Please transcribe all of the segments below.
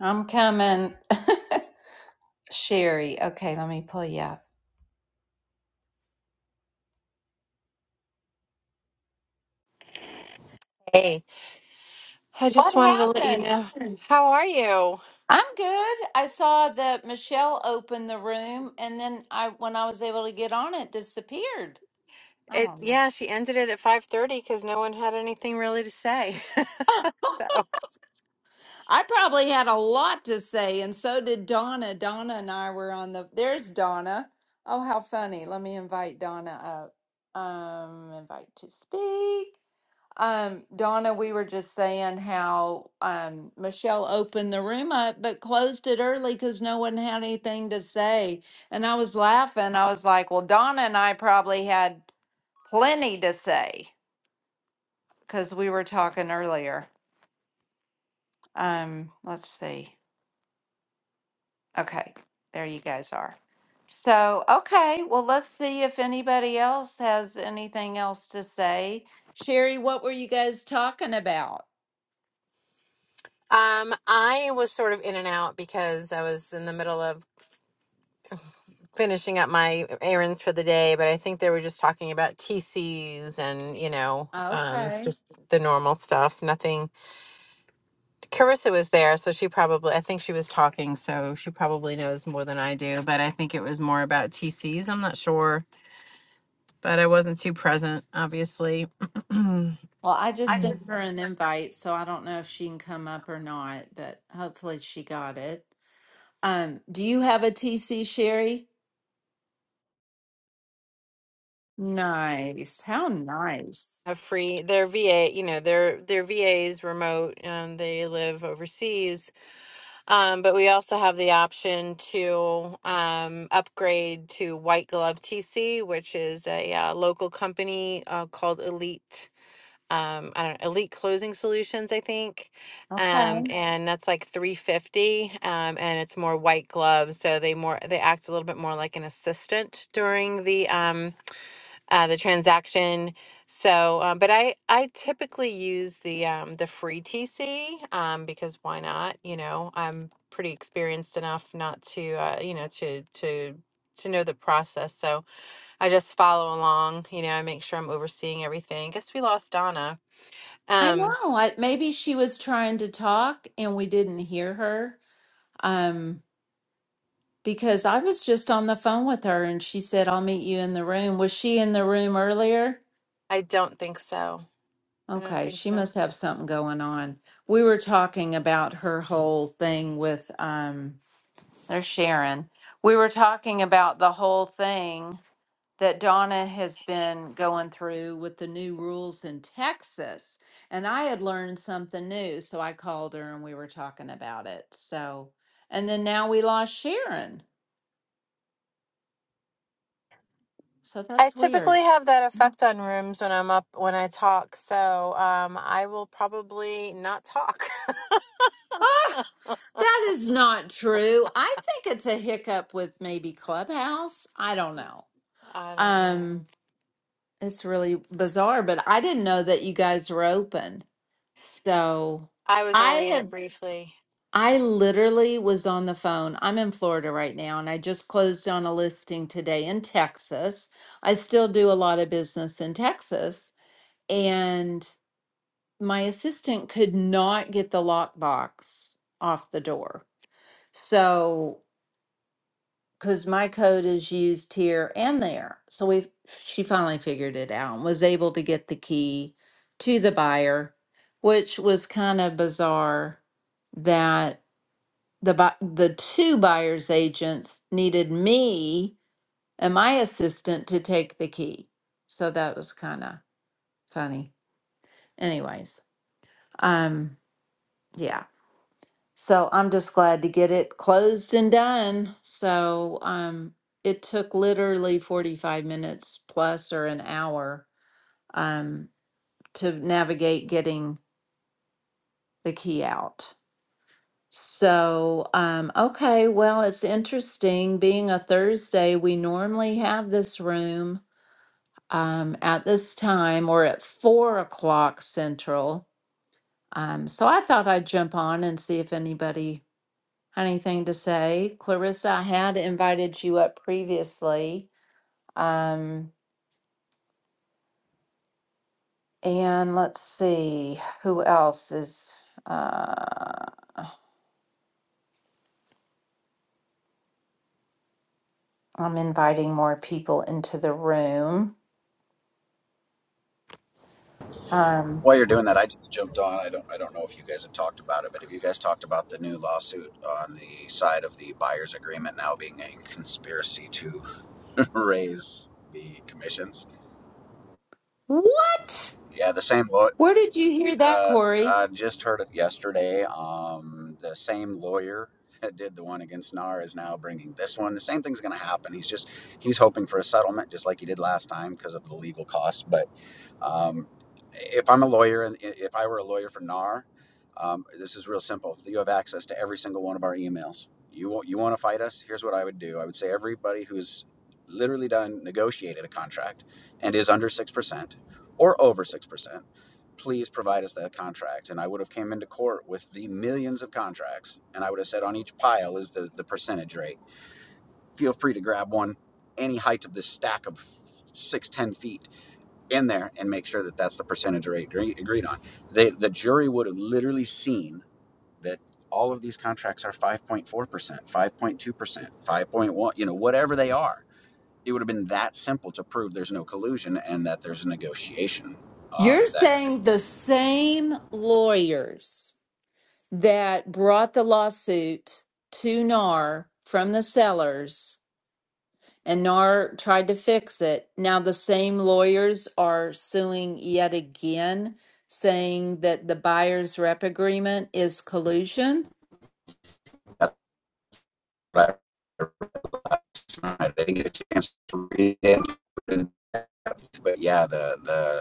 I'm coming. Sherry. Okay, let me pull you up. Hey, I just What? wanted to let you know. How are you? I'm good. I saw that Michelle opened the room and then I when I was able to get on it disappeared. I It don't know. yeah, she ended it at 5:30 cuz no one had anything really to say. So, I probably had a lot to say, and so did Donna. Donna and I were on the. There's Donna. Oh, how funny. Let me invite Donna up. Um, invite to speak. Um, Donna, we were just saying how um, Michelle opened the room up but closed it early because no one had anything to say. And I was laughing. I was like, well, Donna and I probably had plenty to say because we were talking earlier. Um, let's see. Okay, there you guys are. So, okay, well, let's see if anybody else has anything else to say. Sherry, what were you guys talking about? um I was sort of in and out because I was in the middle of finishing up my errands for the day, but I think they were just talking about TCs and, you know, um Okay. just the normal stuff. Nothing. Carissa was there, so she probably I think she was talking, so she probably knows more than I do, but I think it was more about TCs. I'm not sure but I wasn't too present, obviously. I Well, I just Mm. sent just her think an invite, so I don't know if she can come up or not, but hopefully she got it. Um, do you have a TC, Sherry? Nice. How nice. A free, their VA, you know, their their VAs remote, and they live overseas. Um, but we also have the option to um, upgrade to White Glove TC, which is a uh, local company uh, called Elite um I don't know, Elite Closing Solutions, I think. Okay. Um and that's like 350 um and it's more white glove, so they more they act a little bit more like an assistant during the um uh the transaction. So um but I I typically use the um the free TC um because why not, you know? I'm pretty experienced enough not to uh you know to to to know the process. So I just follow along, you know, I make sure I'm overseeing everything. Guess we lost Donna. I Um, know. I, maybe she was trying to talk and we didn't hear her. Um, Because I was just on the phone with her and she said, I'll meet you in the room. Was she in the room earlier? I don't think so. I don't Okay, think she so. must have something going on. We were talking about her whole thing with, um, there's Sharon. We were talking about the whole thing that Donna has been going through with the new rules in Texas. And I had learned something new. So I called her and we were talking about it. So, and then now we lost Sharon. So I that's typically weird. have that effect on rooms when I'm up when I talk, so um, I will probably not talk. Oh, that is not true. I think it's a hiccup with maybe Clubhouse. I don't know. I don't know. Um, it's really bizarre, but I didn't know that you guys were open. So I was I only in it have, briefly. I literally was on the phone. I'm in Florida right now, and I just closed on a listing today in Texas. I still do a lot of business in Texas, and my assistant could not get the lockbox off the door. So because my code is used here and there. So we she finally figured it out and was able to get the key to the buyer, which was kind of bizarre that the bu- the two buyers agents needed me and my assistant to take the key. So that was kind of funny. Anyways, um yeah. So I'm just glad to get it closed and done. So um, it took literally 45 minutes plus or an hour um, to navigate getting the key out. So, um, okay, well, it's interesting. Being a Thursday, we normally have this room um, at this time or at four o'clock central. Um, so I thought I'd jump on and see if anybody anything to say. Clarissa, I had invited you up previously. Um, and let's see who else is. Uh, I'm inviting more people into the room. Um, what? Where did you hear that, Corey? You're saying the same lawyers that brought the lawsuit to NAR from the sellers and NAR tried to fix it. Now the same lawyers are suing yet again, saying that the buyer's rep agreement is collusion.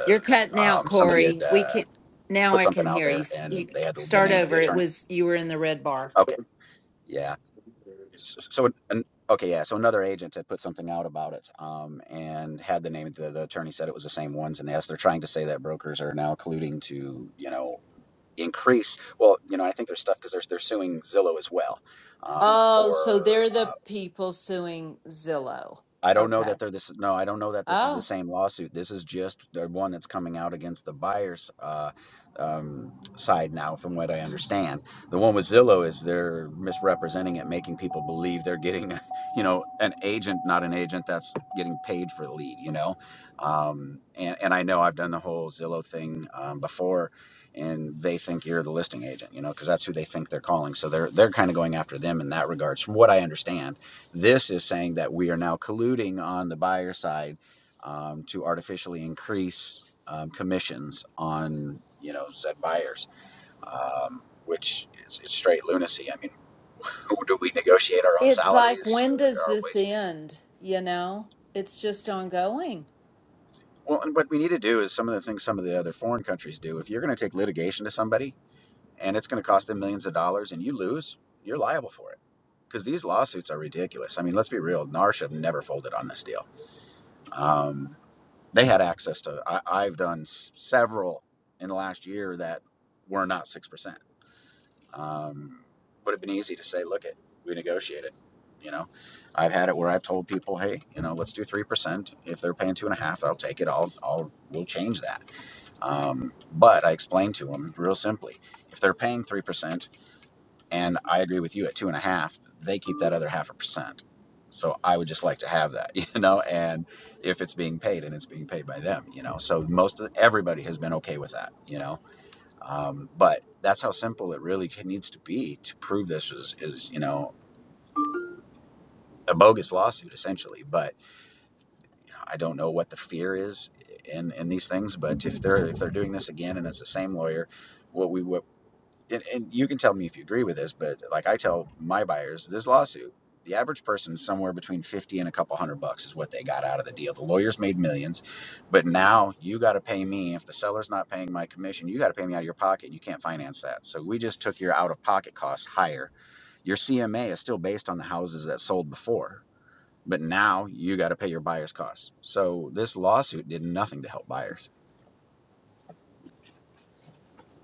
You're cutting out, Corey. We can now. I can hear you. S- You start over. It was you were in the red bar. Oh, so they're the people suing Zillow. Okay. Oh, it's like when does this end? You know, it's just ongoing.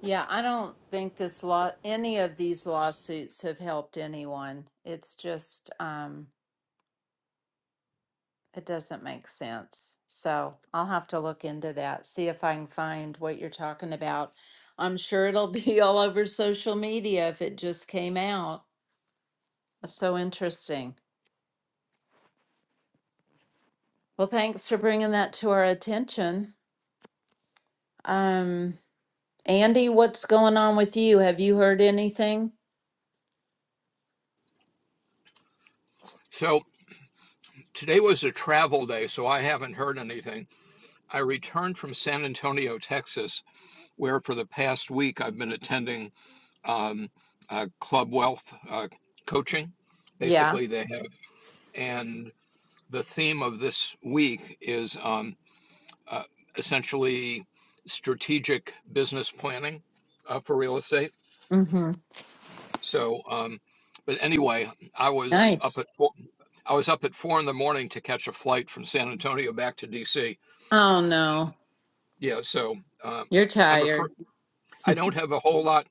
Yeah, I don't think this law, any of these lawsuits have helped anyone. It's just, um, it doesn't make sense. So I'll have to look into that, see if I can find what you're talking about. I'm sure it'll be all over social media if it just came out. That's So interesting. Well, thanks for bringing that to our attention. Um, Andy, what's going on with you? Have you heard anything? So today was a travel day, so I haven't heard anything. I returned from San Antonio, Texas, where for the past week I've been attending um, uh, Club Wealth uh, coaching. Yeah. Basically, they have, and the theme of this week is um, uh, essentially strategic business planning uh, for real estate. Mm-hmm. So, um, but anyway, I was up Nice. at four, I was up at four in the morning to catch a flight from San Antonio back to DC Oh, no. Yeah, so um, You're I'm a, fr- tired. I don't have a whole lot.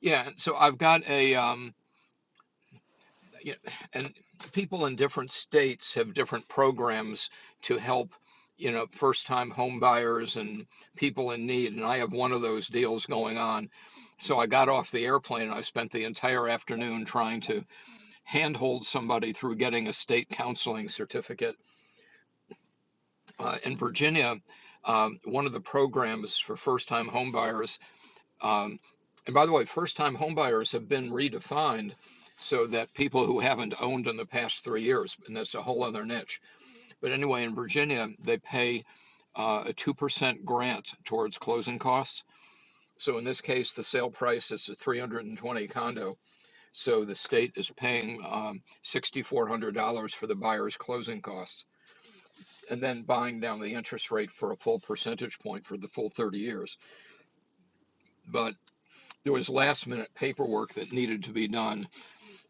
Yeah, so I've got a, um, you know, and people in different states have different programs to help, you know, first-time home buyers and people in need. And I have one of those deals going on. So I got off the airplane and I spent the entire afternoon trying to handhold somebody through getting a state counseling certificate. Uh, in Virginia, um, one of the programs for first-time homebuyers Um, and by the way, first time homebuyers have been redefined so that people who haven't owned in the past three years, and that's a whole other niche. But anyway, in Virginia, they pay uh, a 2% grant towards closing costs. So in this case, the sale price is a 320 condo. So the state is paying um, $6,400 for the buyer's closing costs and then buying down the interest rate for a full percentage point for the full 30 years. But There was last minute paperwork that needed to be done,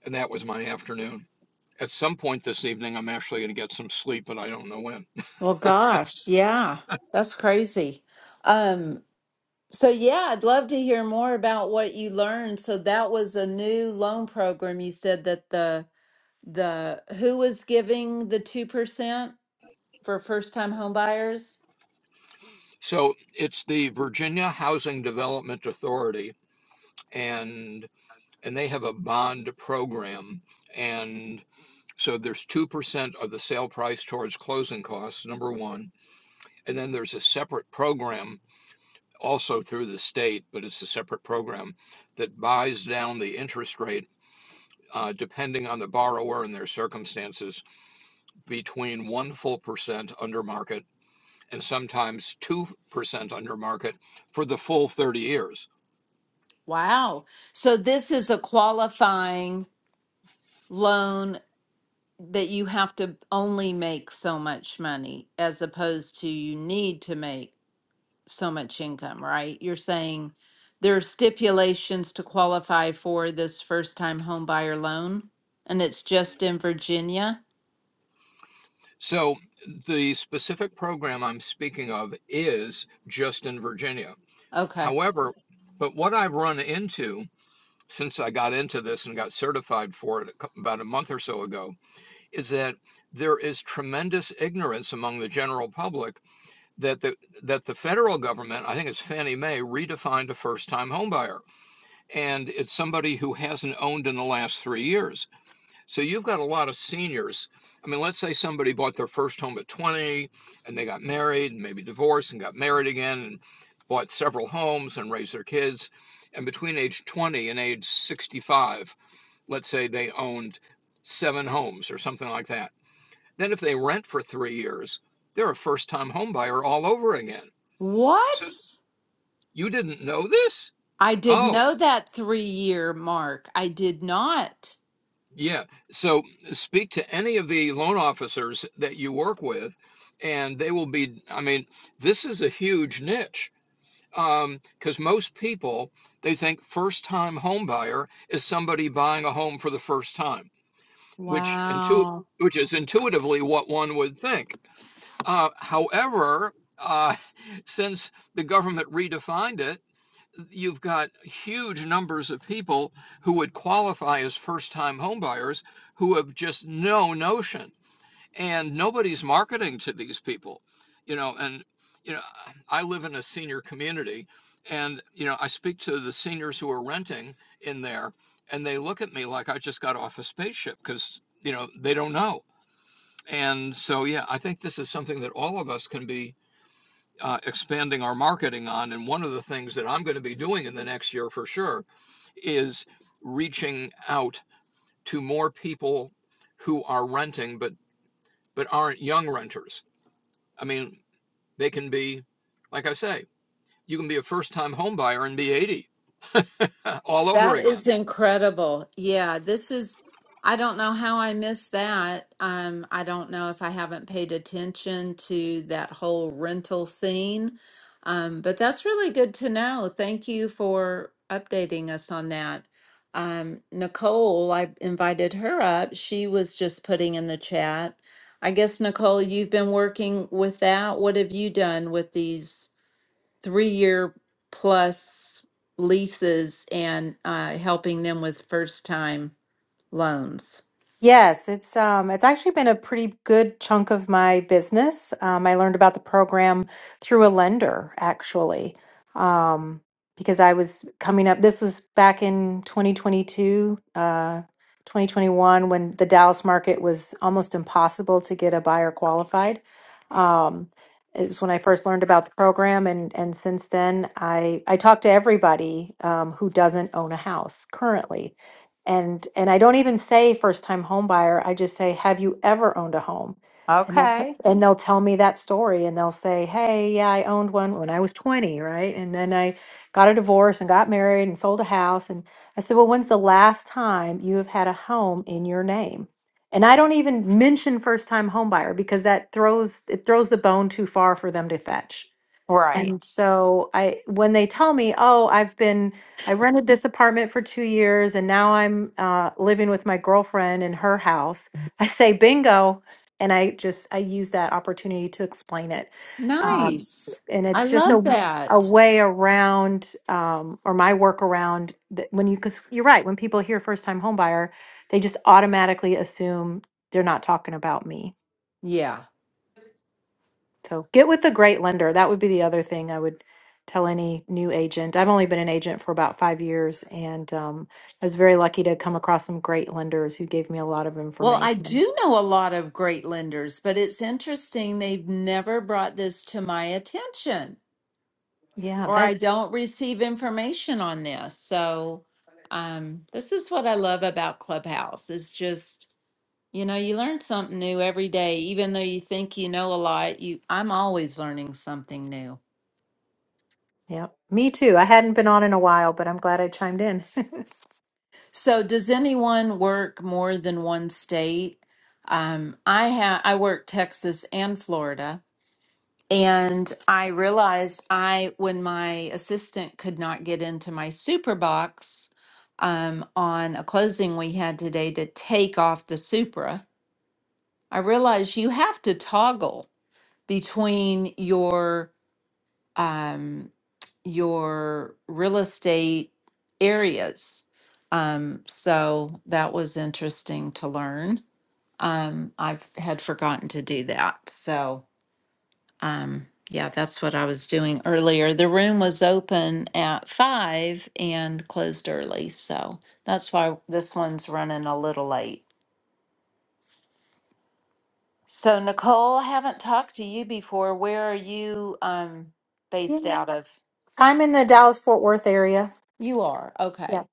and that was my afternoon. At some point this evening, I'm actually going to get some sleep, but I don't know when. Well, gosh, yeah, that's crazy. Um, so yeah, I'd love to hear more about what you learned. So that was a new loan program. You said that the the who was giving the 2% for first-time home buyers? So it's the Virginia Housing Development Authority, and and they have a bond program, and so there's two percent of the sale price towards closing costs. Number one, and then there's a separate program also through the state, but it's a separate program that buys down the interest rate uh, depending on the borrower and their circumstances, between 1 full percent under market and sometimes 2% under market for the full 30 years. Wow. So this is a qualifying loan that you have to only make so much money as opposed to you need to make so much income, right? You're saying there are stipulations to qualify for this first time home buyer loan, and it's just in Virginia? So, the specific program I'm speaking of is just in Virginia. Okay. However, but what I've run into since I got into this and got certified for it about a month or so ago is that there is tremendous ignorance among the general public that the that the federal government, I think it's Fannie Mae, redefined a first-time homebuyer, and it's somebody who hasn't owned in the last three years. So you've got a lot of seniors. I mean, let's say somebody bought their first home at 20, and they got married, and maybe divorced, and got married again, and bought several homes and raised their kids. And between age 20 and age 65, let's say they owned seven homes or something like that. Then if they rent for three years, they're a first-time homebuyer all over again. So What? you didn't know this? I didn't Oh, know that three year mark. I did not. yeah. So speak to any of the loan officers that you work with, and they will be, I mean, this is a huge niche. Um, because most people they think first time home buyer is somebody buying a home for the first time, which intu Wow. which is intuitively what one would think. Uh, however, uh, since the government redefined it you've got huge numbers of people who would qualify as first time homebuyers who have just no notion and nobody's marketing to these people you know and you know i live in a senior community and you know i speak to the seniors who are renting in there and they look at me like i just got off a spaceship because you know they don't know and so yeah i think this is something that all of us can be uh, expanding our marketing on. And one of the things that I'm going to be doing in the next year for sure is reaching out to more people who are renting but but aren't young renters. I mean, they can be, like I say, you can be a first-time home buyer and be 80 all over That again. is incredible. Yeah, this is, I don't know how I missed that. Um, I don't know if I haven't paid attention to that whole rental scene. Um, but that's really good to know. Thank you for updating us on that. Um, Nicole, I invited her up. She was just putting in the chat. I guess, Nicole, you've been working with that. What have you done with these? three year plus leases and uh, helping them with first time loans. Yes, it's um it's actually been a pretty good chunk of my business. Um, I learned about the program through a lender actually. Um, because I was coming up this was back in 2022, uh 2021 when the Dallas market was almost impossible to get a buyer qualified. Um it was when I first learned about the program and and since then I I talk to everybody um who doesn't own a house currently and and I don't even say first time home buyer. I just say, have you ever owned a home? And they'll t- Okay. and they'll tell me that story, and they'll say, hey, yeah, I owned one when I was twenty, right? And then I got a divorce and got married and sold a house. And I said, well, when's the last time you have had a home in your name? And I don't even mention first time home buyer because that throws it throws the bone too far for them to fetch and Right. so I when they tell me, "Oh, I've been I rented this apartment for 2 years and now I'm uh living with my girlfriend in her house." I say, "Bingo." And I just I use that opportunity to explain it. Mhm. Um Nice. and I it's just love a a that. way around um or my work around that when you cuz you're right, when people hear first time homebuyer, they just automatically assume they're not talking about me. Yeah. So get with a great lender. That would be the other thing I would tell any new agent. I've only been an agent for about five years, and um, I was very lucky to come across some great lenders who gave me a lot of Well, I information. do know a lot of great lenders, but it's interesting they've never brought this to my attention Yeah, or I that, don't receive information on this. So, um, this is what I love about Clubhouse is just You know, you learn something new every day, even though you think you know a lot. You, I'm always learning something new. yeah, me too. I hadn't been on in a while, but I'm glad I chimed in. So, does anyone work more than one state? Um, I have. I work Texas and Florida, and I realized I, when my assistant could not get into my super box um, on a closing we had today to take off the Supra, I realized you have to toggle between your. Um, your real estate areas. Um, so that was interesting to learn. Um, I had forgotten to do that. So, um, yeah, that's what I was doing earlier. The room was open at five and closed early. So that's why this one's running a little late. So, Nicole, I haven't talked to you before. Where are you um, yeah, based out of? I'm in the Dallas Fort Worth area. You are. Yep, Okay.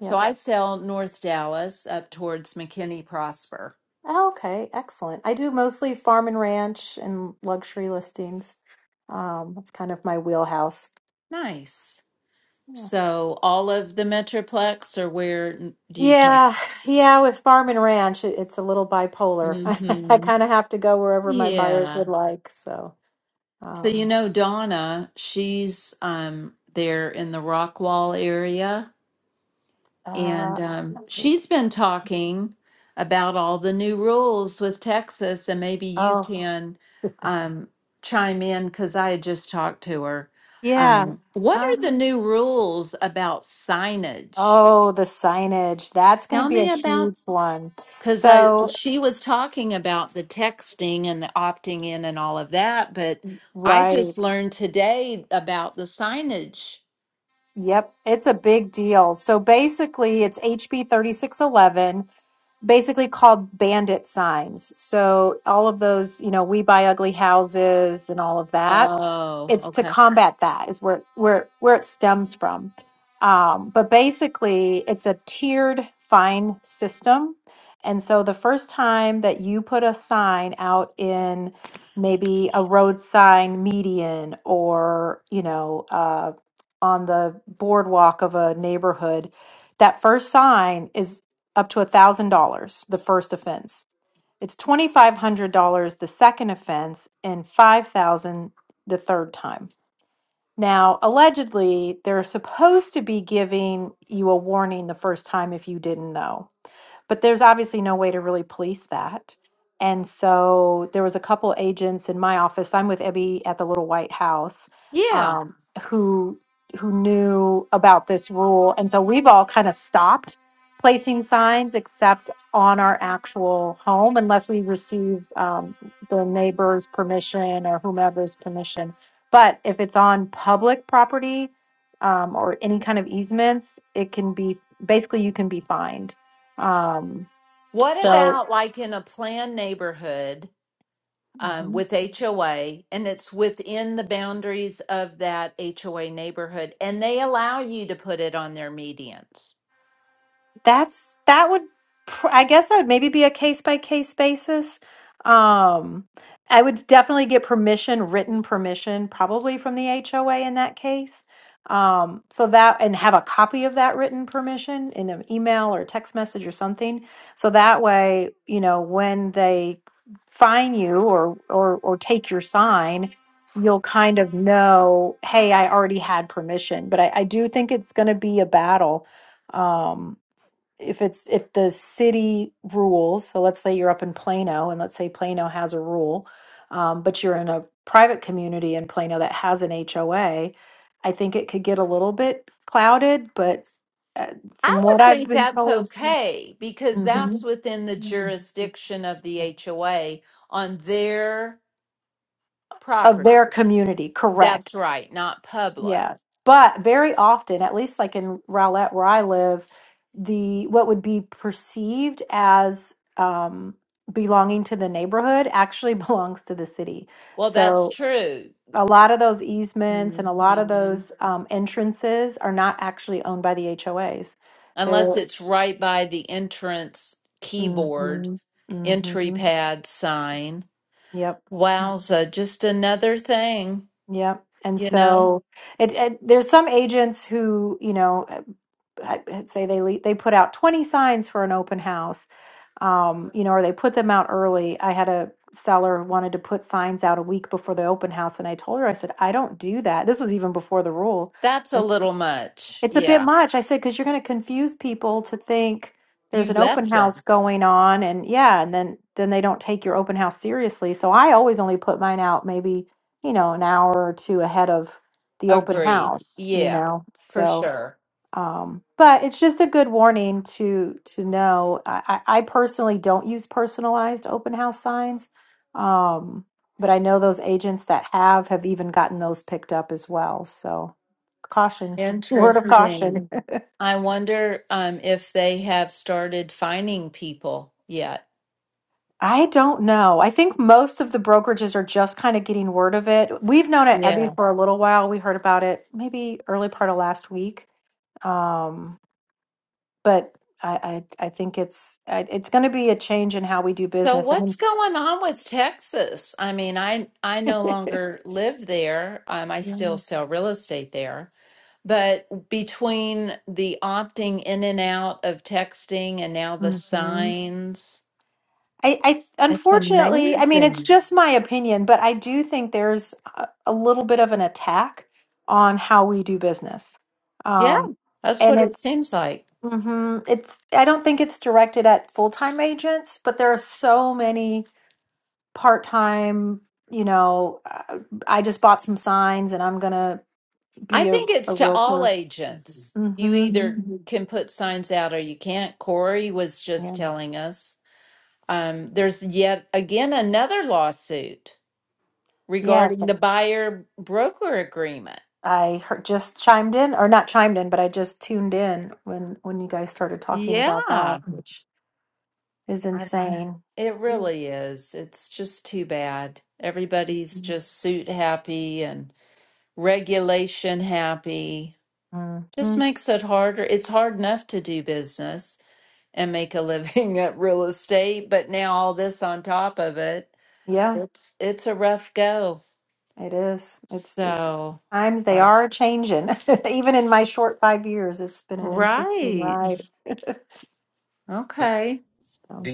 So I sell North Dallas up towards McKinney Prosper. Oh, okay, excellent. I do mostly farm and ranch and luxury listings. Um, that's kind of my wheelhouse. Nice. Yeah. So all of the Metroplex or where n- do you come? Yeah, yeah, with farm and ranch, it- it's a little bipolar. I Mm-hmm. kind of have to go wherever my buyers Yeah. would like. So, So you um, know Donna, she's um there in the Rockwall area. uh, And um, she's been talking about all the new rules with Texas, and maybe you oh, can um, chime in because I had just talked to her. yeah. Um, what are the Um, new rules about signage? oh, the signage. That's going to Tell be a me about huge one. because I So, she was talking about the texting and the opting in and all of that, but I just right. learned today about the signage. Yep, it's a big deal. So basically, it's HB 3611, basically called bandit signs. So all of those, you know, we buy ugly houses and all of that Oh, it's to okay. combat that is where where where it stems from um, but basically it's a tiered fine system and so the first time that you put a sign out in maybe a road sign median or you know uh, on the boardwalk of a neighborhood that first sign is up to a thousand dollars the first offense it's $2,500 the second offense and 5000 the third time. Now, allegedly, they're supposed to be giving you a warning the first time if you didn't know but there's obviously no way to really police that. And so there was a couple agents in my office. I'm with Ebby at the Little White House, Yeah. um, who who knew about this rule, and so we've all kind of stopped placing signs except on our actual home unless we receive um, the neighbor's permission or whomever's permission. But if it's on public property um, or any kind of easements, it can be basically you can be fined um, What so, about like in a planned neighborhood um, Mhm. with HOA and it's within the boundaries of that HOA neighborhood and they allow you to put it on their medians? That's that would pr- I guess that would maybe be a case by case basis. Um, I would definitely get permission, written permission, probably from the HOA in that case. Um, so that and have a copy of that written permission in an email or text message or something. So that way, you know, when they fine you or or or take your sign, you'll kind of know, hey, I already had permission. But I, I do think it's going to be a battle. Um, if it's if the city rules so let's say you're up in plano and let's say plano has a rule um, but you're in a private community in plano that has an hoa i think it could get a little bit clouded but uh, I from what would i've think been that's told okay because that's Mhm. within the jurisdiction of the HOA on their of their property. community correct That's right, not public. Yeah. But very often, at least like in Rowlett where I live, the what would be perceived as um belonging to the neighborhood actually belongs to the city. Well, that's So true. a lot of those easements and a lot of Mhm. those um, entrances are not actually owned by the HOAs. Unless They're it's right by the entrance keyboard, mm-hmm, entry mm-hmm, pad sign. yep. Wowza, just another thing, Yeah, And you know? so it, it there's some agents who, you know, uh, I- I'd say they le- they put out 20 signs for an open house. Um, you know, or they put them out early. I had a seller who wanted to put signs out a week before the open house and I told her I said, "I don't do that." This was even before the rule. That's a little much. It's a bit Yeah. much. I said, because you're going to confuse people to think there's You an open left house them. going on, and yeah, and then then they don't take your open house seriously. So I always only put mine out maybe you know an hour or two ahead of the open Agreed. house, you Yeah, know. for So, sure. um, but it's just a good warning to to know. I, I I personally don't use personalized open house signs, um, but I know those agents that have have even gotten those picked up as well. So caution. Word of Interesting. caution. I wonder um, if they have started finding people yet. I don't know. I think most of the brokerages are just kind of getting word of it. We've known at Ebby Yeah. for a little while. We heard about it maybe early part of last week. Um, but I, I, I think it's I, it's going to be a change in how we do So business. I what's mean, going on with Texas? I mean, I I no longer live there. Um, I still sell real estate there. But between the opting in and out of texting and now the hmm signs, I, I it's unfortunately, I mean, it's amazing. just my opinion, but I do think there's a, a little bit of an attack on how we do business. Yeah, Um, that's and what it it's seems like. Mm-hmm. It's, I don't think it's directed at full-time agents, but there are so many part-time, you know, uh, I just bought some signs and I'm gonna I be a, think it's a to all realtor. agents. You either Mm-hmm. can put signs out or you can't. Corey was just Yeah. telling us. Um, there's yet again another lawsuit Yes, regarding I the buyer broker agreement. I heard, just chimed in, or not chimed in, but I just tuned in when when you guys started talking about that, Yeah, which is I- insane. it really is. It's just too bad. Everybody's just suit happy and regulation happy. Just Hmm. makes it harder. It's hard enough to do business. and make a living at real estate, but now all this on top of it, Yeah. it's it's a rough go. It is. It's it's So, times they uh, are changing. Even in my short five years, it's been an interesting right. ride. Okay. So.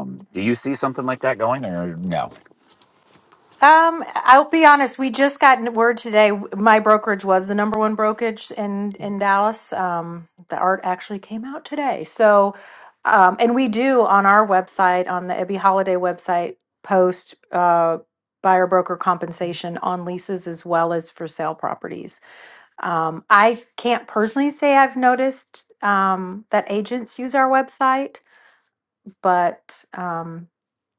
Mm. Um, I'll be honest. We just got word today. My brokerage was the number one brokerage in in Dallas. Um, the art actually came out today. So, um, and we do on our website, on the Ebby Holiday website, post uh, buyer broker compensation on leases as well as for sale properties. Um, I can't personally say I've noticed um, that agents use our website, but um,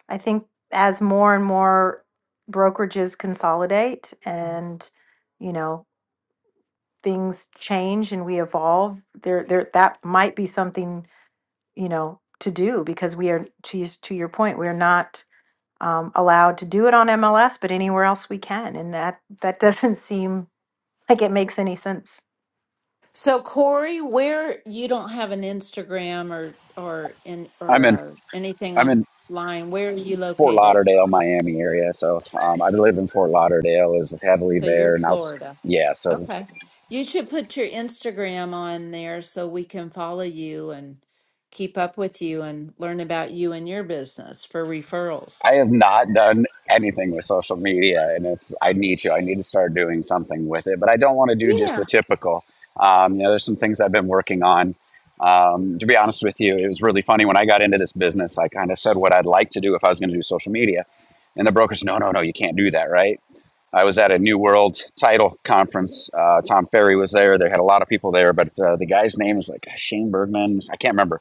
I think as more and more brokerages consolidate and you know things change and we evolve, there there that might be something you know to do because we are to use, to your point we are not um, allowed to do it on MLS, but anywhere else we can, and that that doesn't seem like it makes any sense So Corey, where you don't have an Instagram or or in or uh, anything I'm in online, where are you Fort located? Lauderdale, Miami area. So um, I live in Fort Lauderdale. Is heavily So you're there, and I was Florida. yeah. So Okay. You should put your Instagram on there so we can follow you and keep up with you and learn about you and your business for referrals. I have not done anything with social media, and it's I need to. I need to start doing something with it, but I don't want to do just the Yeah. typical. Um, you know, there's some things I've been working on. Um, to be honest with you, it was really funny when I got into this business. I kind of said what I'd like to do if I was going to do social media, and the broker said, "No, no, no, you can't do that, right?" I was at a New World title conference. Uh, Tom Ferry was there. They had a lot of people there, but uh, the guy's name is like Shane Bergman. I can't remember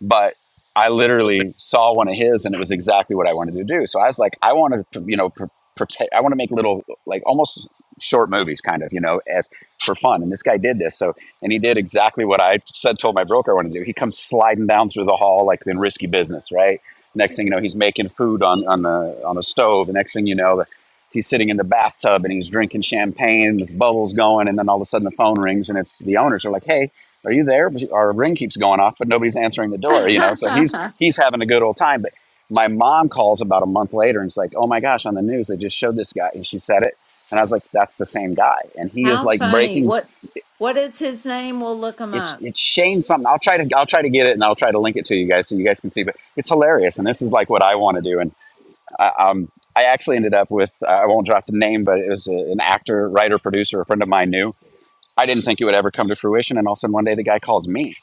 but I literally saw one of his and it was exactly what I wanted to do. So I was like, I want to, you know, pr- protect, I want to make little, like almost short movies kind of, you know, as for fun. And this guy did this. So, and he did exactly what I said, told my broker I wanted to do. He comes sliding down through the hall, like in risky business, right? Next thing you know, he's making food on, on the, on the stove. The next thing you know, the, he's sitting in the bathtub and he's drinking champagne with bubbles going. And then all of a sudden the phone rings and it's the owners are like, Hey, are you there? Our ring keeps going off, but nobody's answering the door, you know? So he's, he's having a good old time. But my mom calls about a month later and it's like, oh my gosh, on the news, they just showed this guy. And she said it. And I was like, that's the same guy. And he is How like funny. breaking, What what is his name? We'll look him it's, up. it's Shane something. I'll try to, I'll try to get it and I'll try to link it to you guys so you guys can see, but it's hilarious. And this is like what I want to do. And I, um, I actually ended up with, uh, I won't drop the name, but it was a, an actor, writer, producer, a friend of mine knew I didn't think it would ever come to fruition. And all of a sudden, one day the guy calls me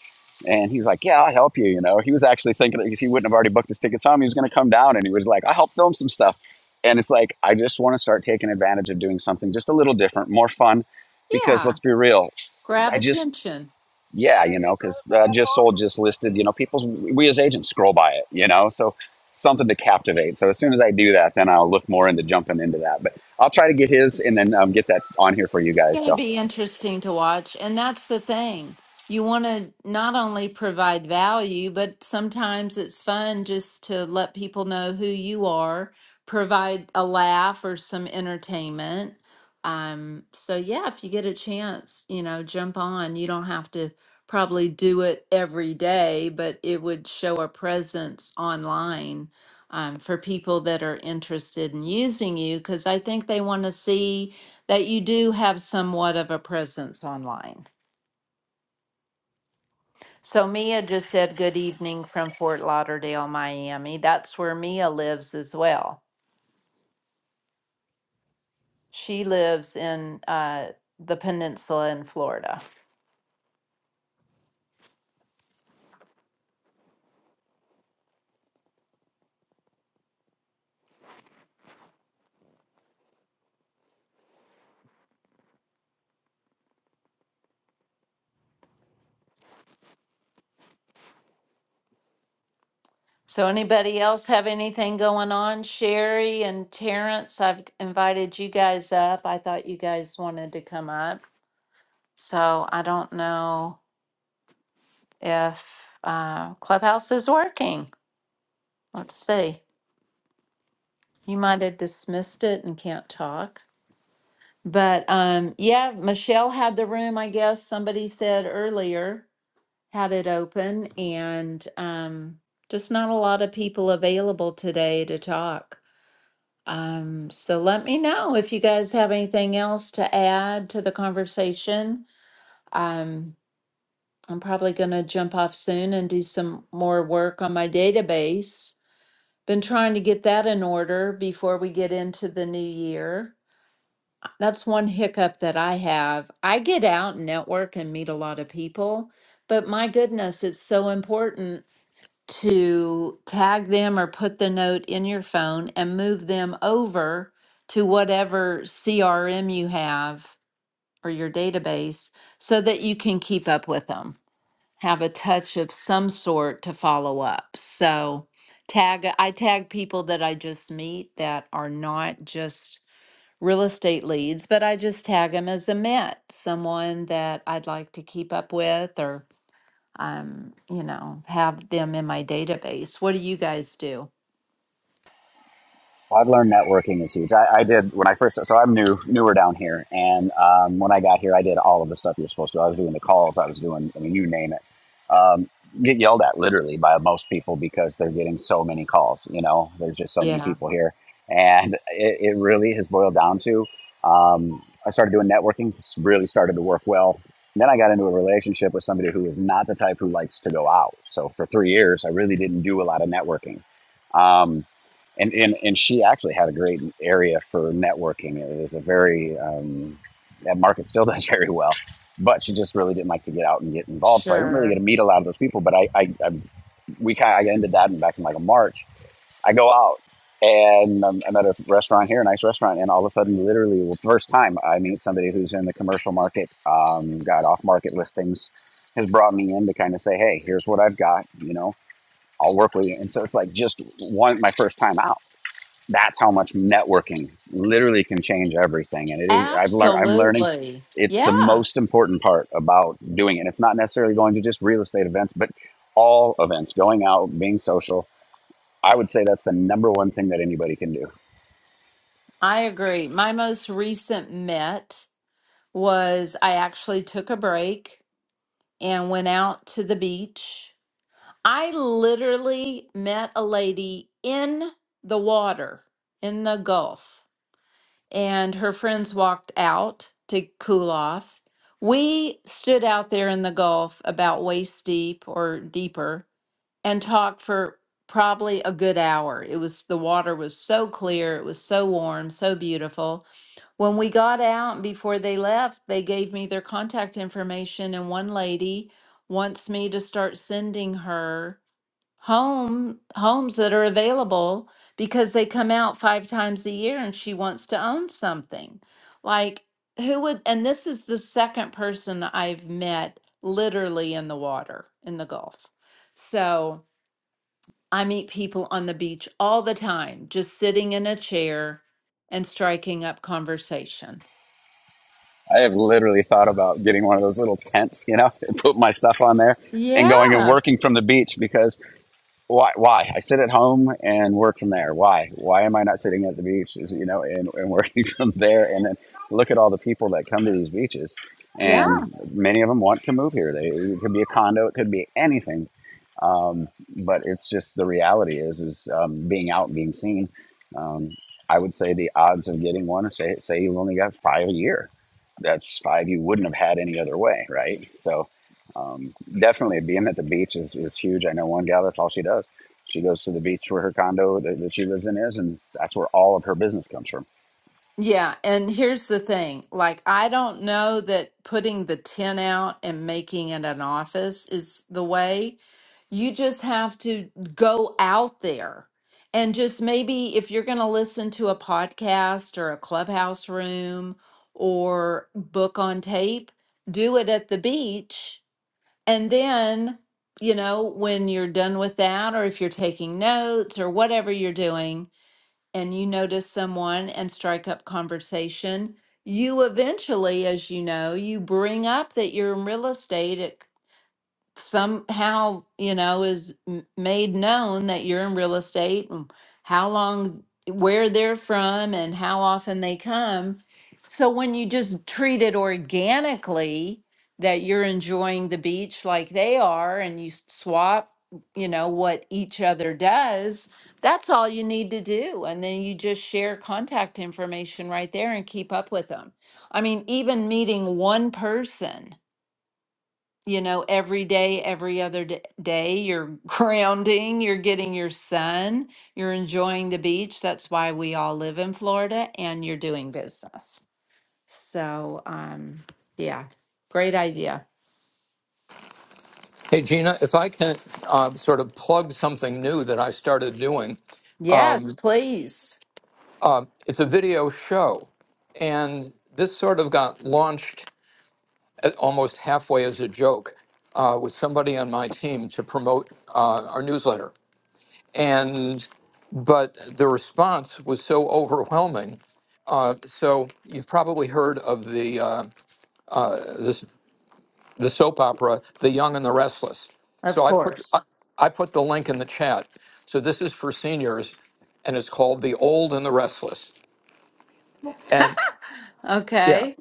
and he's like, Yeah, I'll help you. You know, he was actually thinking that he wouldn't have already booked his tickets home. He was going to come down and he was like, I'll help film some stuff. And it's like, I just want to start taking advantage of doing something just a little different, more fun, because Yeah. let's be real. Grab I just, attention. yeah, you know, because uh, just sold, just listed, you know, people, we as agents scroll by it, you know, so something to captivate. So as soon as I do that, then I'll look more into jumping into that. But I'll try to get his and then um, get that on here for you guys. going So to be interesting to watch. And that's the thing. You want to not only provide value, but sometimes it's fun just to let people know who you are, provide a laugh or some entertainment. Um, so, yeah, if you get a chance, you know, jump on. You don't have to probably do it every day, but it would show a presence online um, for people that are interested in using you because I think they want to see that you do have somewhat of a presence online. So Mia just said good evening from Fort Lauderdale, Miami. That's where Mia lives as well. She lives in uh, the peninsula in Florida. So anybody else have anything going on? Sherry and Terrence, I've invited you guys up. I thought you guys wanted to come up. So I don't know if uh, Clubhouse is working. Let's see. You might have dismissed it and can't talk. But um, yeah, Michelle had the room, I guess somebody said earlier, had it open, and um, just not a lot of people available today to talk. Um, so let me know if you guys have anything else to add to the conversation. Um, I'm probably going to jump off soon and do some more work on my database. Been trying to get that in order before we get into the new year. That's one hiccup that I have. I get out and network and meet a lot of people, but my goodness, it's so important to tag them or put the note in your phone and move them over to whatever CRM you have or your database so that you can keep up with them. Have a touch of some sort to follow up. So, tag I tag people that I just meet that are not just real estate leads, but I just tag them as a Met, someone that I'd like to keep up with or um, you know, have them in my database. What do you guys do? Well, I've learned networking is huge. I, I did when I first, so I'm new, newer down here, and um, when I got here, I did all of the stuff you're supposed to. I was doing the calls, I was doing, I mean, you name it. Um, get yelled at literally by most people because they're getting so many calls. You know, there's just so many Yeah, people here, and it, it really has boiled down to. Um, I started doing networking, it's really started to work well. And then I got into a relationship with somebody who is not the type who likes to go out. So for three years, I really didn't do a lot of networking. Um, and and and she actually had a great area for networking. It was a very um, that market still does very well, but she just really didn't like to get out and get involved. So I didn't really get to sure. meet a lot of those people. But I I, I we kind I ended that in back in like a March. I go out and um, I'm at a restaurant here, a nice restaurant, and all of a sudden, literally, well, first time I meet somebody who's in the commercial market, um, got off market listings, has brought me in to kind of say, hey, here's what I've got, you know. I'll work with you, and so it's like just one my first time out that's how much networking literally can change everything and it is i've learned i'm learning Absolutely. it's the Yeah, most important part about doing it and it's not necessarily going to just real estate events but all events going out being social i would say that's the number one thing that anybody can do I agree. My most recent Met was I actually took a break and went out to the beach. I literally met a lady in the water in the Gulf. and her friends walked out to cool off. We stood out there in the Gulf about waist deep or deeper and talked for probably a good hour. It was the water was so clear, it was so warm, so beautiful. When we got out before they left, they gave me their contact information, and one lady wants me to start sending her home homes that are available because they come out five times a year and she wants to own something like who would and this is the second person i've met literally in the water in the gulf so i meet people on the beach all the time just sitting in a chair and striking up conversation i have literally thought about getting one of those little tents you know and put my stuff on there and going and yeah working from the beach because why why i sit at home and work from there why why am i not sitting at the beach is- you know and, and working from there and then look at all the people that come to these beaches yeah and many of them want to move here they it could be a condo it could be anything um, but it's just the reality is is um, being out and being seen um, i would say the odds of getting one say say you've only got five a year that's five you wouldn't have had any other way right so um, definitely being at the beach is, is huge. I know one gal, that's all she does. She goes to the beach where her condo that, that she lives in is, and that's where all of her business comes from. Yeah, and here's the thing. Like, I don't know that putting the tin out and making it an office is the way. You just have to go out there and just maybe if you're going to listen to a podcast or a clubhouse room or book on tape, do it at the beach. And then, you know, when you're done with that, or if you're taking notes or whatever you're doing, and you notice someone and strike up conversation, you eventually, as you know, you bring up that you're in real estate. It somehow you know is m- made known that you're in real estate and how long where they're from and how often they come so when you just treat it organically that you're enjoying the beach like they are and you s- swap you know what each other does that's all you need to do and then you just share contact information right there and keep up with them i mean even meeting one person you know, every day, every other d- day, you're grounding, you're getting your sun, you're enjoying the beach. That's why we all live in Florida and you're doing business. So, um, yeah, great idea. Hey, Gina, if I can uh, sort of plug something new that I started doing, Yes, um, please. uh, it's a video show. And this sort of got launched at- almost halfway as a joke uh, with somebody on my team to promote uh, our newsletter. And but the response was so overwhelming. Uh, so you've probably heard of the, uh, the the soap opera The Young and the Restless. Of So I put I, course. I put the link in the chat. So this is for seniors, and it's called The Old and the Restless. And yeah, Okay.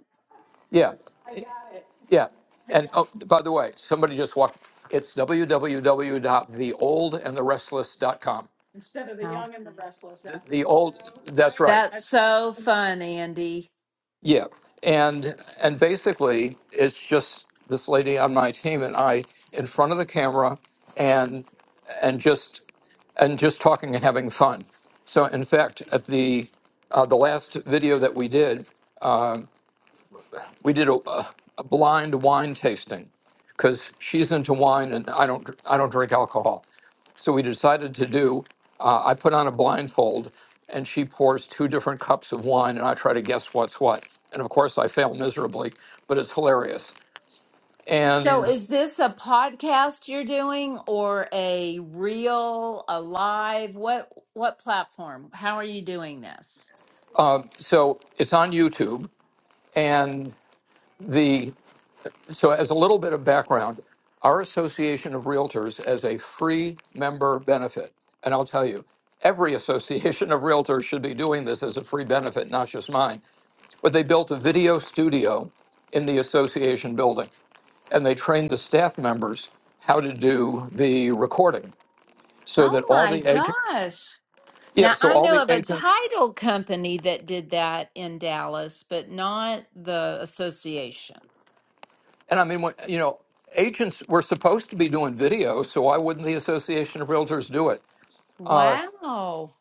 Yeah. I got it. Yeah. And oh, by the way, somebody just walked, it's the the old and the restless. dot com. Instead of the Wow. young and the restless. The the old, that's right. That's That's- so fun, Andy. Yeah. And, and basically it's just this lady on my team and I in front of the camera and, and just, and just talking and having fun. So in fact, at the, uh, the last video that we did, we did a, a blind wine tasting because she's into wine and I don't I don't drink alcohol. So we decided to do. Uh, I put on a blindfold and she pours two different cups of wine and I try to guess what's what. And of course I fail miserably, but it's hilarious. So And is this a podcast you're doing or a reel, a live? What what platform? How are you doing this? so it's on YouTube and the So, as a little bit of background, our Association of Realtors as a free member benefit, and I'll tell you, every association of realtors should be doing this as a free benefit, not just mine. But they built a video studio in the association building, and they trained the staff members how to do the recording, so that Oh all my the agents, gosh. yeah, Now so I all know the of a agents, title company that did that in Dallas, but not the association. and I mean, when- you know, agents were supposed to be doing video, so why wouldn't the Association of Realtors do it? Uh, Wow.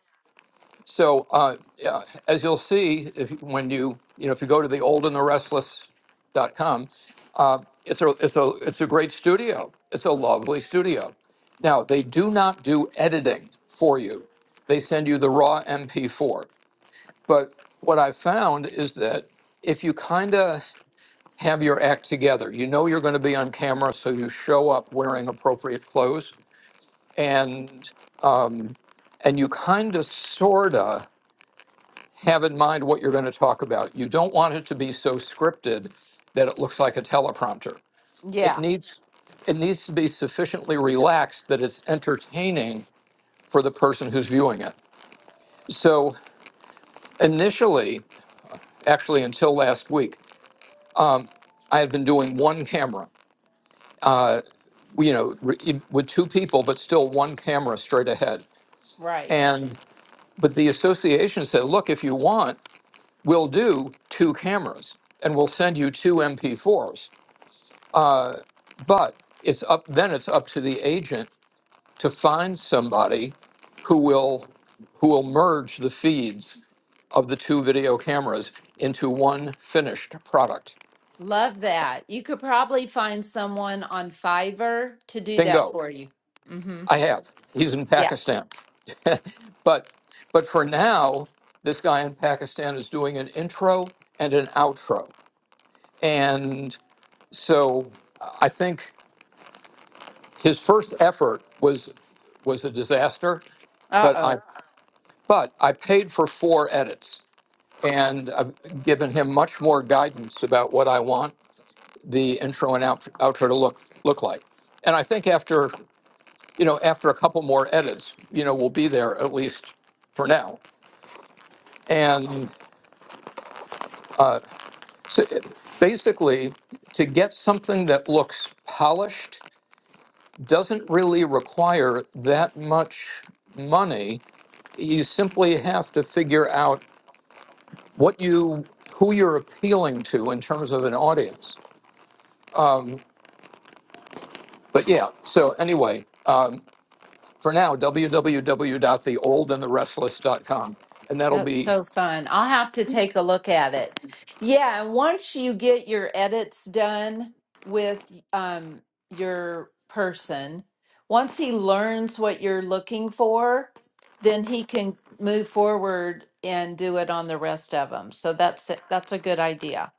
So uh, yeah, as you'll see, if you- when you you know if you go to the old and the restless.com, uh, it's a it's a it's a great studio. It's a lovely studio. Now they do not do editing for you; they send you the raw MP4. But what I found is that if you kind of have your act together, you know you're going to be on camera, so you show up wearing appropriate clothes, and and you kind of sorta have in mind what you're going to talk about. You don't want it to be so scripted that it looks like a teleprompter. It Yeah, needs it needs to be sufficiently relaxed that it's entertaining for the person who's viewing it. So initially, actually until last week, I had been doing one camera, you know, re- e, with two people, but still one camera straight ahead. right. And but the association said, look, if you want, we'll do two cameras and we'll send you two MP4s. But it's up then it's up to the agent to find somebody who will who will merge the feeds of the two video cameras into one finished product. Love that. You could probably find someone on Fiverr to do that Bingo. for you. Mhm. I have. He's in Yeah. Pakistan. but but for now, this guy in Pakistan is doing an intro and an outro. And so I think his first effort was was a disaster, but Uh-oh. I But I paid for four edits and I've given him much more guidance about what I want the intro and out- outro to look look like. And I think after you know after a couple more edits, you know, we'll be there at least for now. And so it- basically, to get something that looks polished doesn't really require that much money. You simply have to figure out what you who you're appealing to in terms of an audience. But yeah, so anyway, um, for now, w w w dot the www.theoldandtherestless.com, and the restless dot com. And that'll That's be so fun. I'll have to take a look at it. Yeah, and once you get your edits done with um, your person, once he learns what you're looking for, then he can move forward and do it on the rest of them. So that's it. That's a good idea.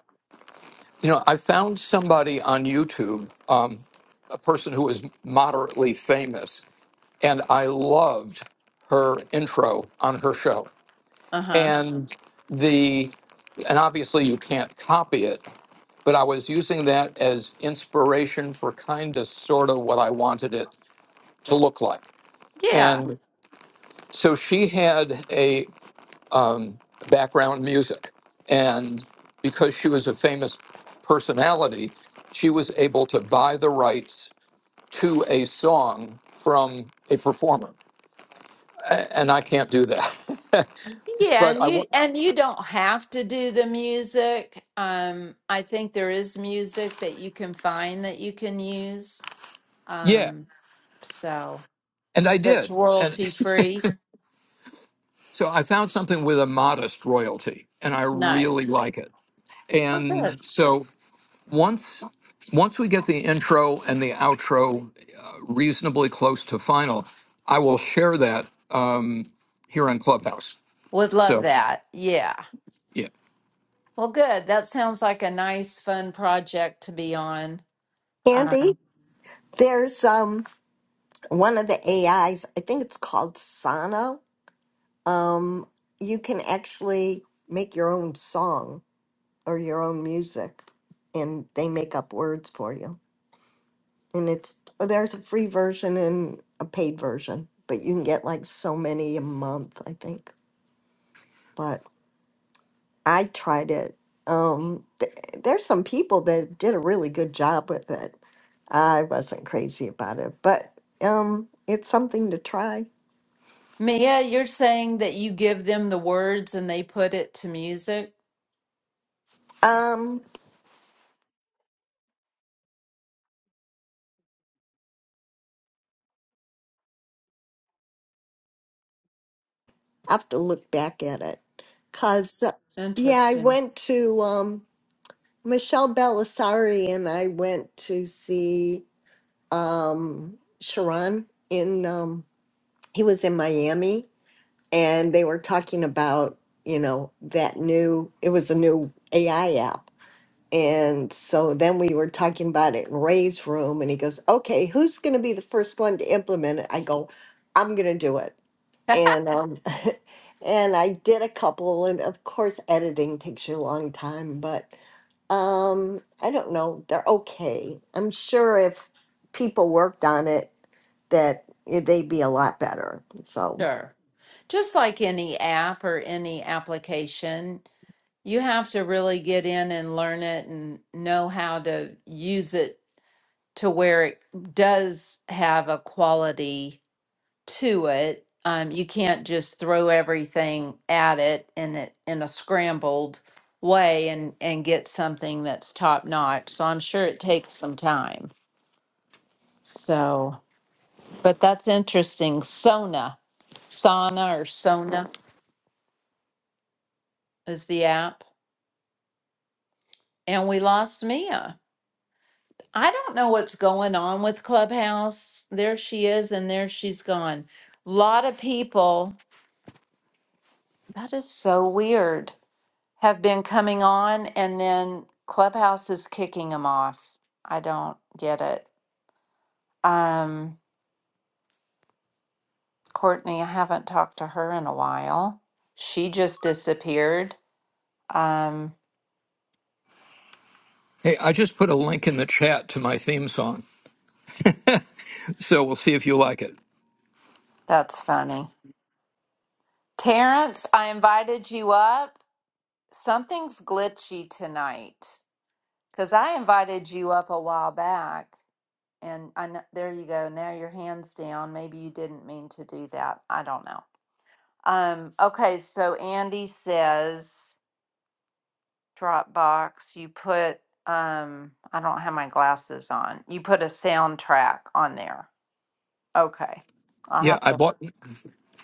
you know I found somebody on YouTube, um, a person who was moderately famous, and I loved her intro on her show Uh-huh. and the and obviously you can't copy it but i was using that as inspiration for kind of sort of what i wanted it to look like. Yeah. And so she had a um, background in music. And because she was a famous personality, she was able to buy the rights to a song from a performer. A- And I can't do that. Yeah, but and I you want, and you don't have to do the music. Um, I think there is music that you can find that you can use. yeah. Um, so And I that's did. And royalty free. so I found something with a modest royalty, and I really Nice. like it. Oh, good. And so once once we get the intro and the outro uh, reasonably close to final, I will share that um, here on Clubhouse. Would love So that. Yeah. yeah, Well, good. That sounds like a nice, fun project to be on. Andy, Um, there's um one of the AIs, I think it's called Sana. Um, you can actually make your own song or your own music, and they make up words for you. And it's well, there's a free version and a paid version, but you can get like so many a month, I think. But I tried it. Um, th- there's some people that did a really good job with it. I wasn't crazy about it, but um, it's something to try. Mia, you're saying that you give them the words and they put it to music? Um, I have to look back at it. Cause uh, yeah, I Interesting. went to um Michelle Belisari and I went to see um Sharon in um he was in Miami and they were talking about, you know, that new it was a new AI app. And so then we were talking about it in Ray's room and he goes, Okay, who's gonna be the first one to implement it? I go, I'm gonna do it. and um and I did a couple and of course editing takes you a long time but um I don't know they're okay I'm sure if people worked on it that it- they'd be a lot better so Sure. Just like any app or any application, you have to really get in and learn it and know how to use it to where it does have a quality to it. Um, you can't just throw everything at it in it in a scrambled way and and get something that's top notch. So I'm sure it takes some time. So, but that's interesting. Sona, Sana or Sona is the app, and we lost Mia. I don't know what's going on with Clubhouse. There she is, and there she's gone. lot of people That is so weird. Have been coming on and then Clubhouse is kicking them off. I don't get it. Um, Courtney, I haven't talked to her in a while. She just disappeared. Um, hey, I just put a link in the chat to my theme song, so we'll see if you like it. that's funny. Terrence, I invited you up. Something's glitchy tonight because I invited you up a while back. And I know, there you go. Now your hand's down. Maybe you didn't mean to do that. I don't know. Um, okay, so Andy says Dropbox, you put um I don't have my glasses on. You put a soundtrack on there. Okay. I'll Yeah, have I to bought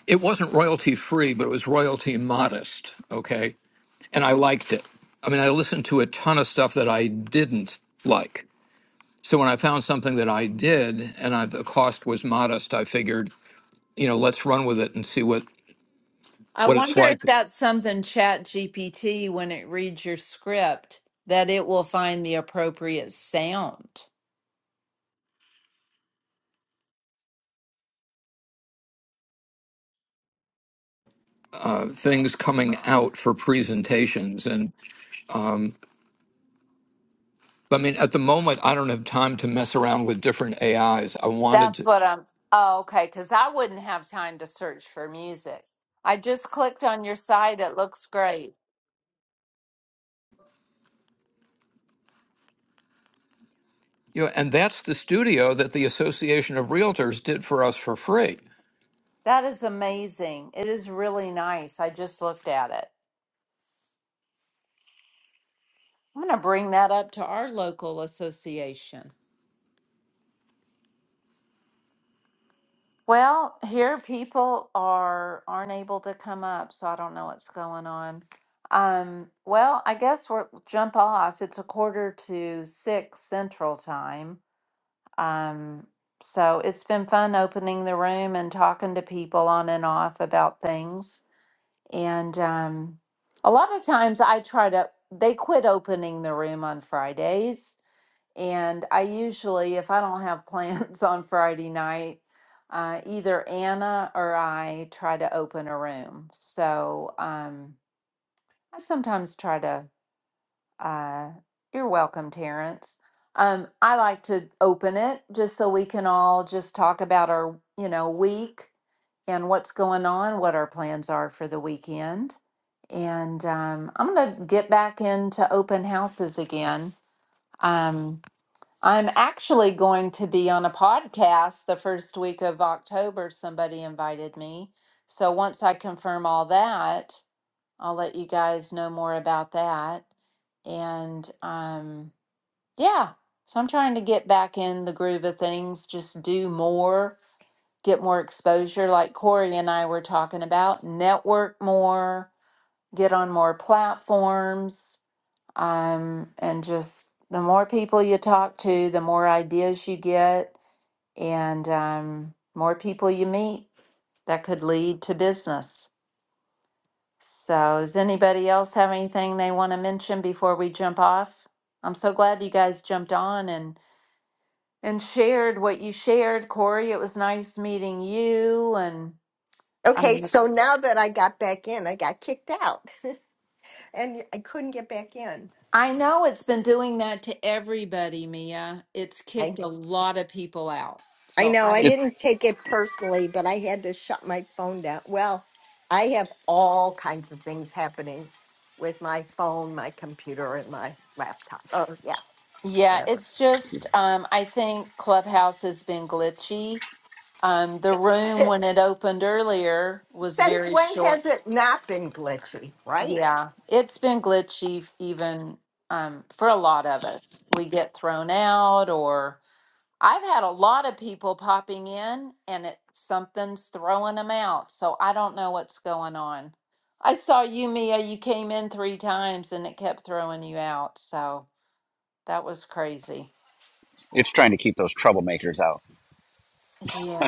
it wasn't royalty free, but it was royalty modest. Okay, and I liked it. I mean, I listened to a ton of stuff that I didn't like. So when I found something that I did and I, the cost was modest, I figured you know, let's run with it and see what I what it's wonder like. if that's something Chat GPT when it reads your script that it will find the appropriate sound. Uh, things coming out for presentations, and I mean, at the moment, I don't have time to mess around with different AIs. I wanted That's to, what I'm Oh, okay, cuz I wouldn't have time to search for music. I just clicked on your site. It looks great. you know, and that's the studio that the Association of Realtors did for us for free. That is amazing. It is really nice. I just looked at it. I'm going to bring that up to our local association. Well, here people are aren't able to come up, so I don't know what's going on. Um, well, I guess we'll jump off. It's a quarter to six central time. Um, so it's been fun opening the room and talking to people on and off about things. And um, a lot of times I try to, they quit opening the room on Fridays. And I usually, if I don't have plans on Friday night, uh, either Anna or I try to open a room. So um, I sometimes try to. Uh, you're welcome, Terrence. Um, I like to open it just so we can all just talk about our, you know, week and what's going on, what our plans are for the weekend. And um, I'm going to get back into open houses again. Um, I'm actually going to be on a podcast the first week of October. Somebody invited me. So once I confirm all that, I'll let you guys know more about that. And um, yeah, so I'm trying to get back in the groove of things, just do more, get more exposure, like Corey and I were talking about, network more, get on more platforms, um, and just the more people you talk to, the more ideas you get, and um, more people you meet that could lead to business. So, does anybody else have anything they want to mention before we jump off? I'm so glad you guys jumped on and and shared what you shared, Corey. It was nice meeting you, and okay I'm, so now that I got back in I got kicked out and I couldn't get back in I know it's been doing that to everybody, Mia. It's kicked a lot of people out. I So know I I It's, didn't take it personally, but I had to shut my phone down. Well, I have all kinds of things happening with my phone, my computer, and my laptop. Oh, yeah, yeah, whatever. it's just um, I think Clubhouse has been glitchy. Um, the room when it opened earlier was Since very when short. has it not been glitchy, right? Yeah, it's been glitchy even um, for a lot of us. We get thrown out, or I've had a lot of people popping in and it something's throwing them out. So I don't know what's going on. I saw you, Mia. You came in three times and it kept throwing you out. So that was crazy. it's trying to keep those troublemakers out.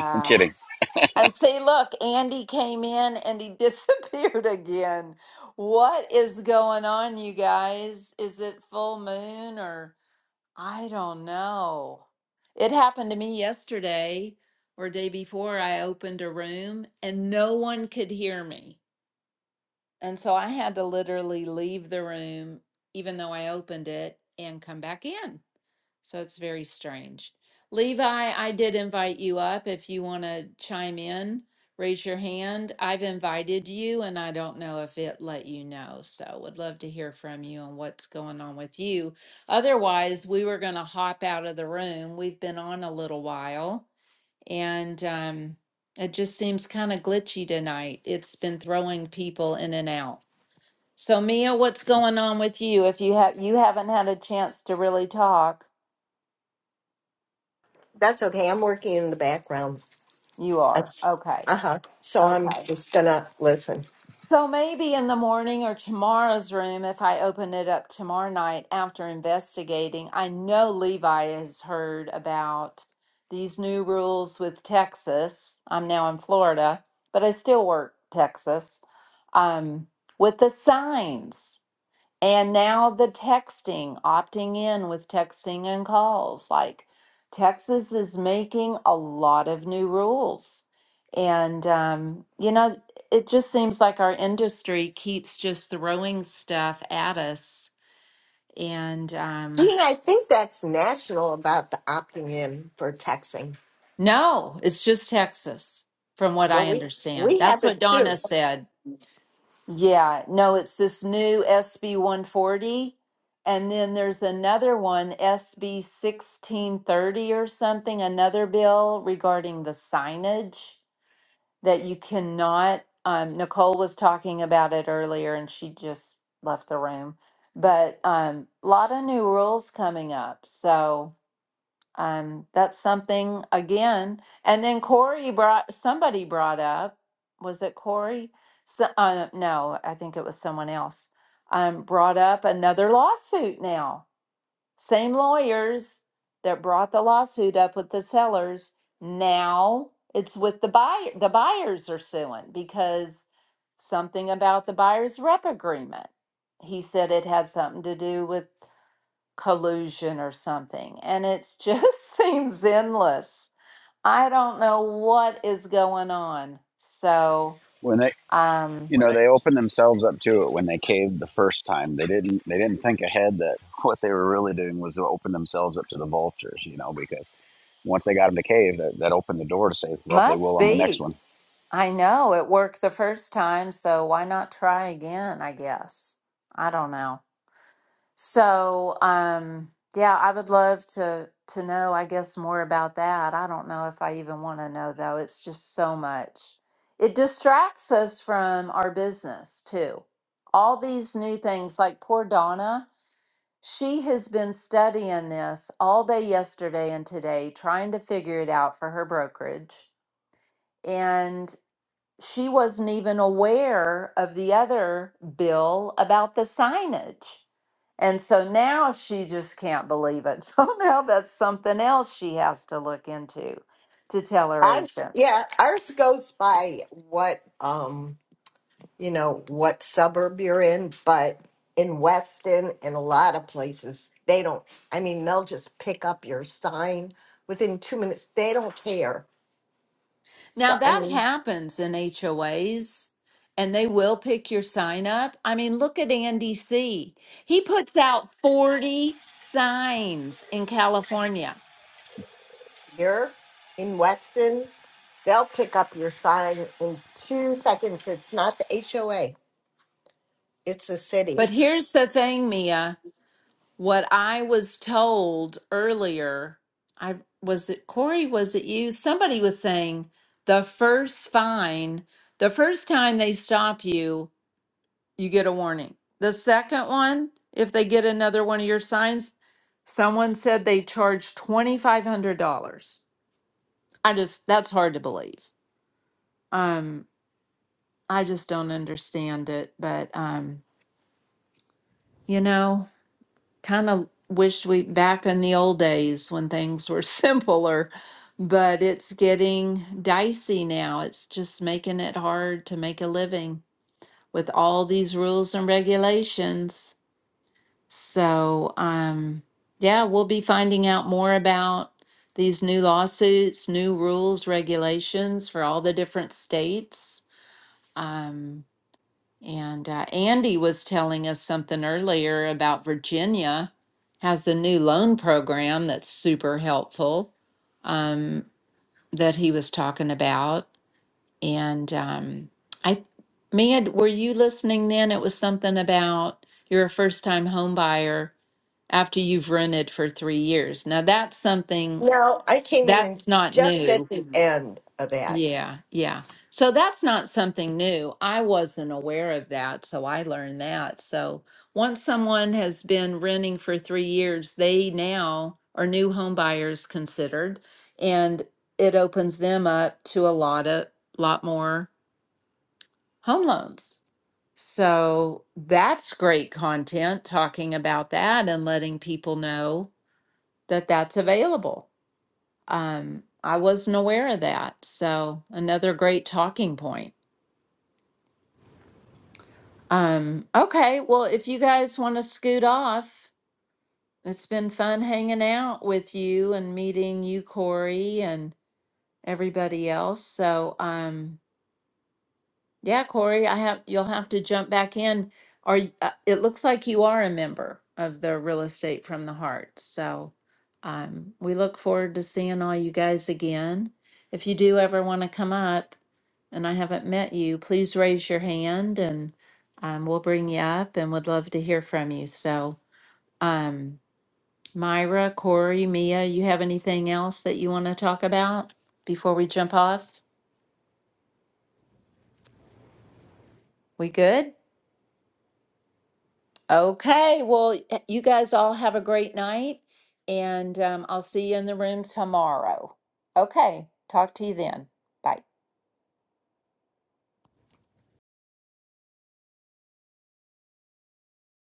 I'm kidding. And see, look, Andy came in and he disappeared again. What is going on, you guys? Is it full moon or? I don't know. It happened to me yesterday or day before. I opened a room and no one could hear me. And so I had to literally leave the room, even though I opened it, and come back in. So it's very strange. Levi, I did invite you up. If you want to chime in, raise your hand. I've invited you, and I don't know if it let you know. So would love to hear from you and what's going on with you. Otherwise, we were going to hop out of the room. We've been on a little while, and um, it just seems kind of glitchy tonight. It's been throwing people in and out. So Mia, what's going on with you? If you have you haven't had a chance to really talk. That's okay. I'm working in the background. You Uh are. Okay. huh. So I'm Okay. just going to listen. So maybe in the morning or tomorrow's room, if I open it up tomorrow night after investigating, I know Levi has heard about these new rules with Texas. I'm now in Florida, but I still work Texas um, with the signs. And now the texting, opting in with texting and calls. Like Texas is making a lot of new rules. And, um, you know, it just seems like our industry keeps just throwing stuff at us. And um, Gee, I think that's national about the opting in for texting. no, it's just Texas, from what Well, I we, understand. we have That's what it Donna too. said. Yeah, no, it's this new SB 140. And then there's another one, SB 1630 or something, another bill regarding the signage that you cannot. Um, Nicole was talking about it earlier and she just left the room. But a um, lot of new rules coming up. So um, that's something again. And then Corey brought somebody brought up was it Corey? So, uh, no, I think it was someone else. Um, brought up another lawsuit now. Same lawyers that brought the lawsuit up with the sellers. Now it's with the buyer. The buyers are suing because something about the buyer's rep agreement. He said it had something to do with collusion or something. And it just seems endless. I don't know what is going on. So, When they, um, you know, they opened themselves up to it when they caved the first time. They didn't, they didn't think ahead that what they were really doing was to open themselves up to the vultures, you know, because once they got them to cave, that, that opened the door to say, well, if they will must on the next be. one I know it worked the first time, so why not try again, I guess. I don't know. So, um, yeah, I would love to to know, I guess, more about that. I don't know if I even want to know though. It's just so much. It distracts us from our business too. All these new things, like poor Donna, she has been studying this all day yesterday and today, trying to figure it out for her brokerage. and she wasn't even aware of the other bill about the signage. And so now she just can't believe it. So now that's something else she has to look into to tell her Ours, agents. yeah, ours goes by what um, you know, what suburb you're in, but in Weston and a lot of places, they don't I mean, they'll just pick up your sign within 2 minutes. They don't care. So Now I that mean, happens in HOAs and they will pick your sign up. I mean, look at Andy C. He puts out 40 signs in California. here in Weston, they'll pick up your sign in 2 seconds. It's not the HOA, it's the city. But here's the thing, Mia. What I was told earlier, I was it Corey, was it you? Somebody was saying the first fine, the first time they stop you, you get a warning. The second one, if they get another one of your signs, someone said they charge $2,500. I just, that's hard to believe. Um, I just don't understand it, but um, you know. kind of wished we back in the old days when things were simpler, but it's getting dicey now. It's just making it hard to make a living with all these rules and regulations. So, um, yeah, we'll be finding out more about these new lawsuits, new rules, regulations for all the different states. Um, and uh, Andy was telling us something earlier about Virginia has a new loan program that's super helpful um, that he was talking about. And um, I, Mia, were you listening then? It was something about you're a first time home buyer after you've rented for three years. Now that's something No, I came in and that's not just at new. the end of that. Yeah, yeah. So that's not something new. I wasn't aware of that, so I learned that. So once someone has been renting for three years, they now are new home buyers considered, and it opens them up to a lot of lot more home loans. So that's great content talking about that and letting people know that that's available. Um, I wasn't aware of that. So another great talking point. Um, okay, well, if you guys want to scoot off, it's been fun hanging out with you and meeting you, Corey, and everybody else. So, um, yeah, Corey, I have, you'll have to jump back in. Are, y- uh, it looks like you are a member of the Real Estate from the Heart. So um, we look forward to seeing all you guys again. If you do ever want to come up and I haven't met you, please raise your hand and um, we'll bring you up and would love to hear from you. So, um, Myra, Corey, Mia, you have anything else that you want to talk about before we jump off? We good? Okay, well, you guys all have a great night, and um, I'll see you in the room tomorrow. Okay, talk to you then. Bye.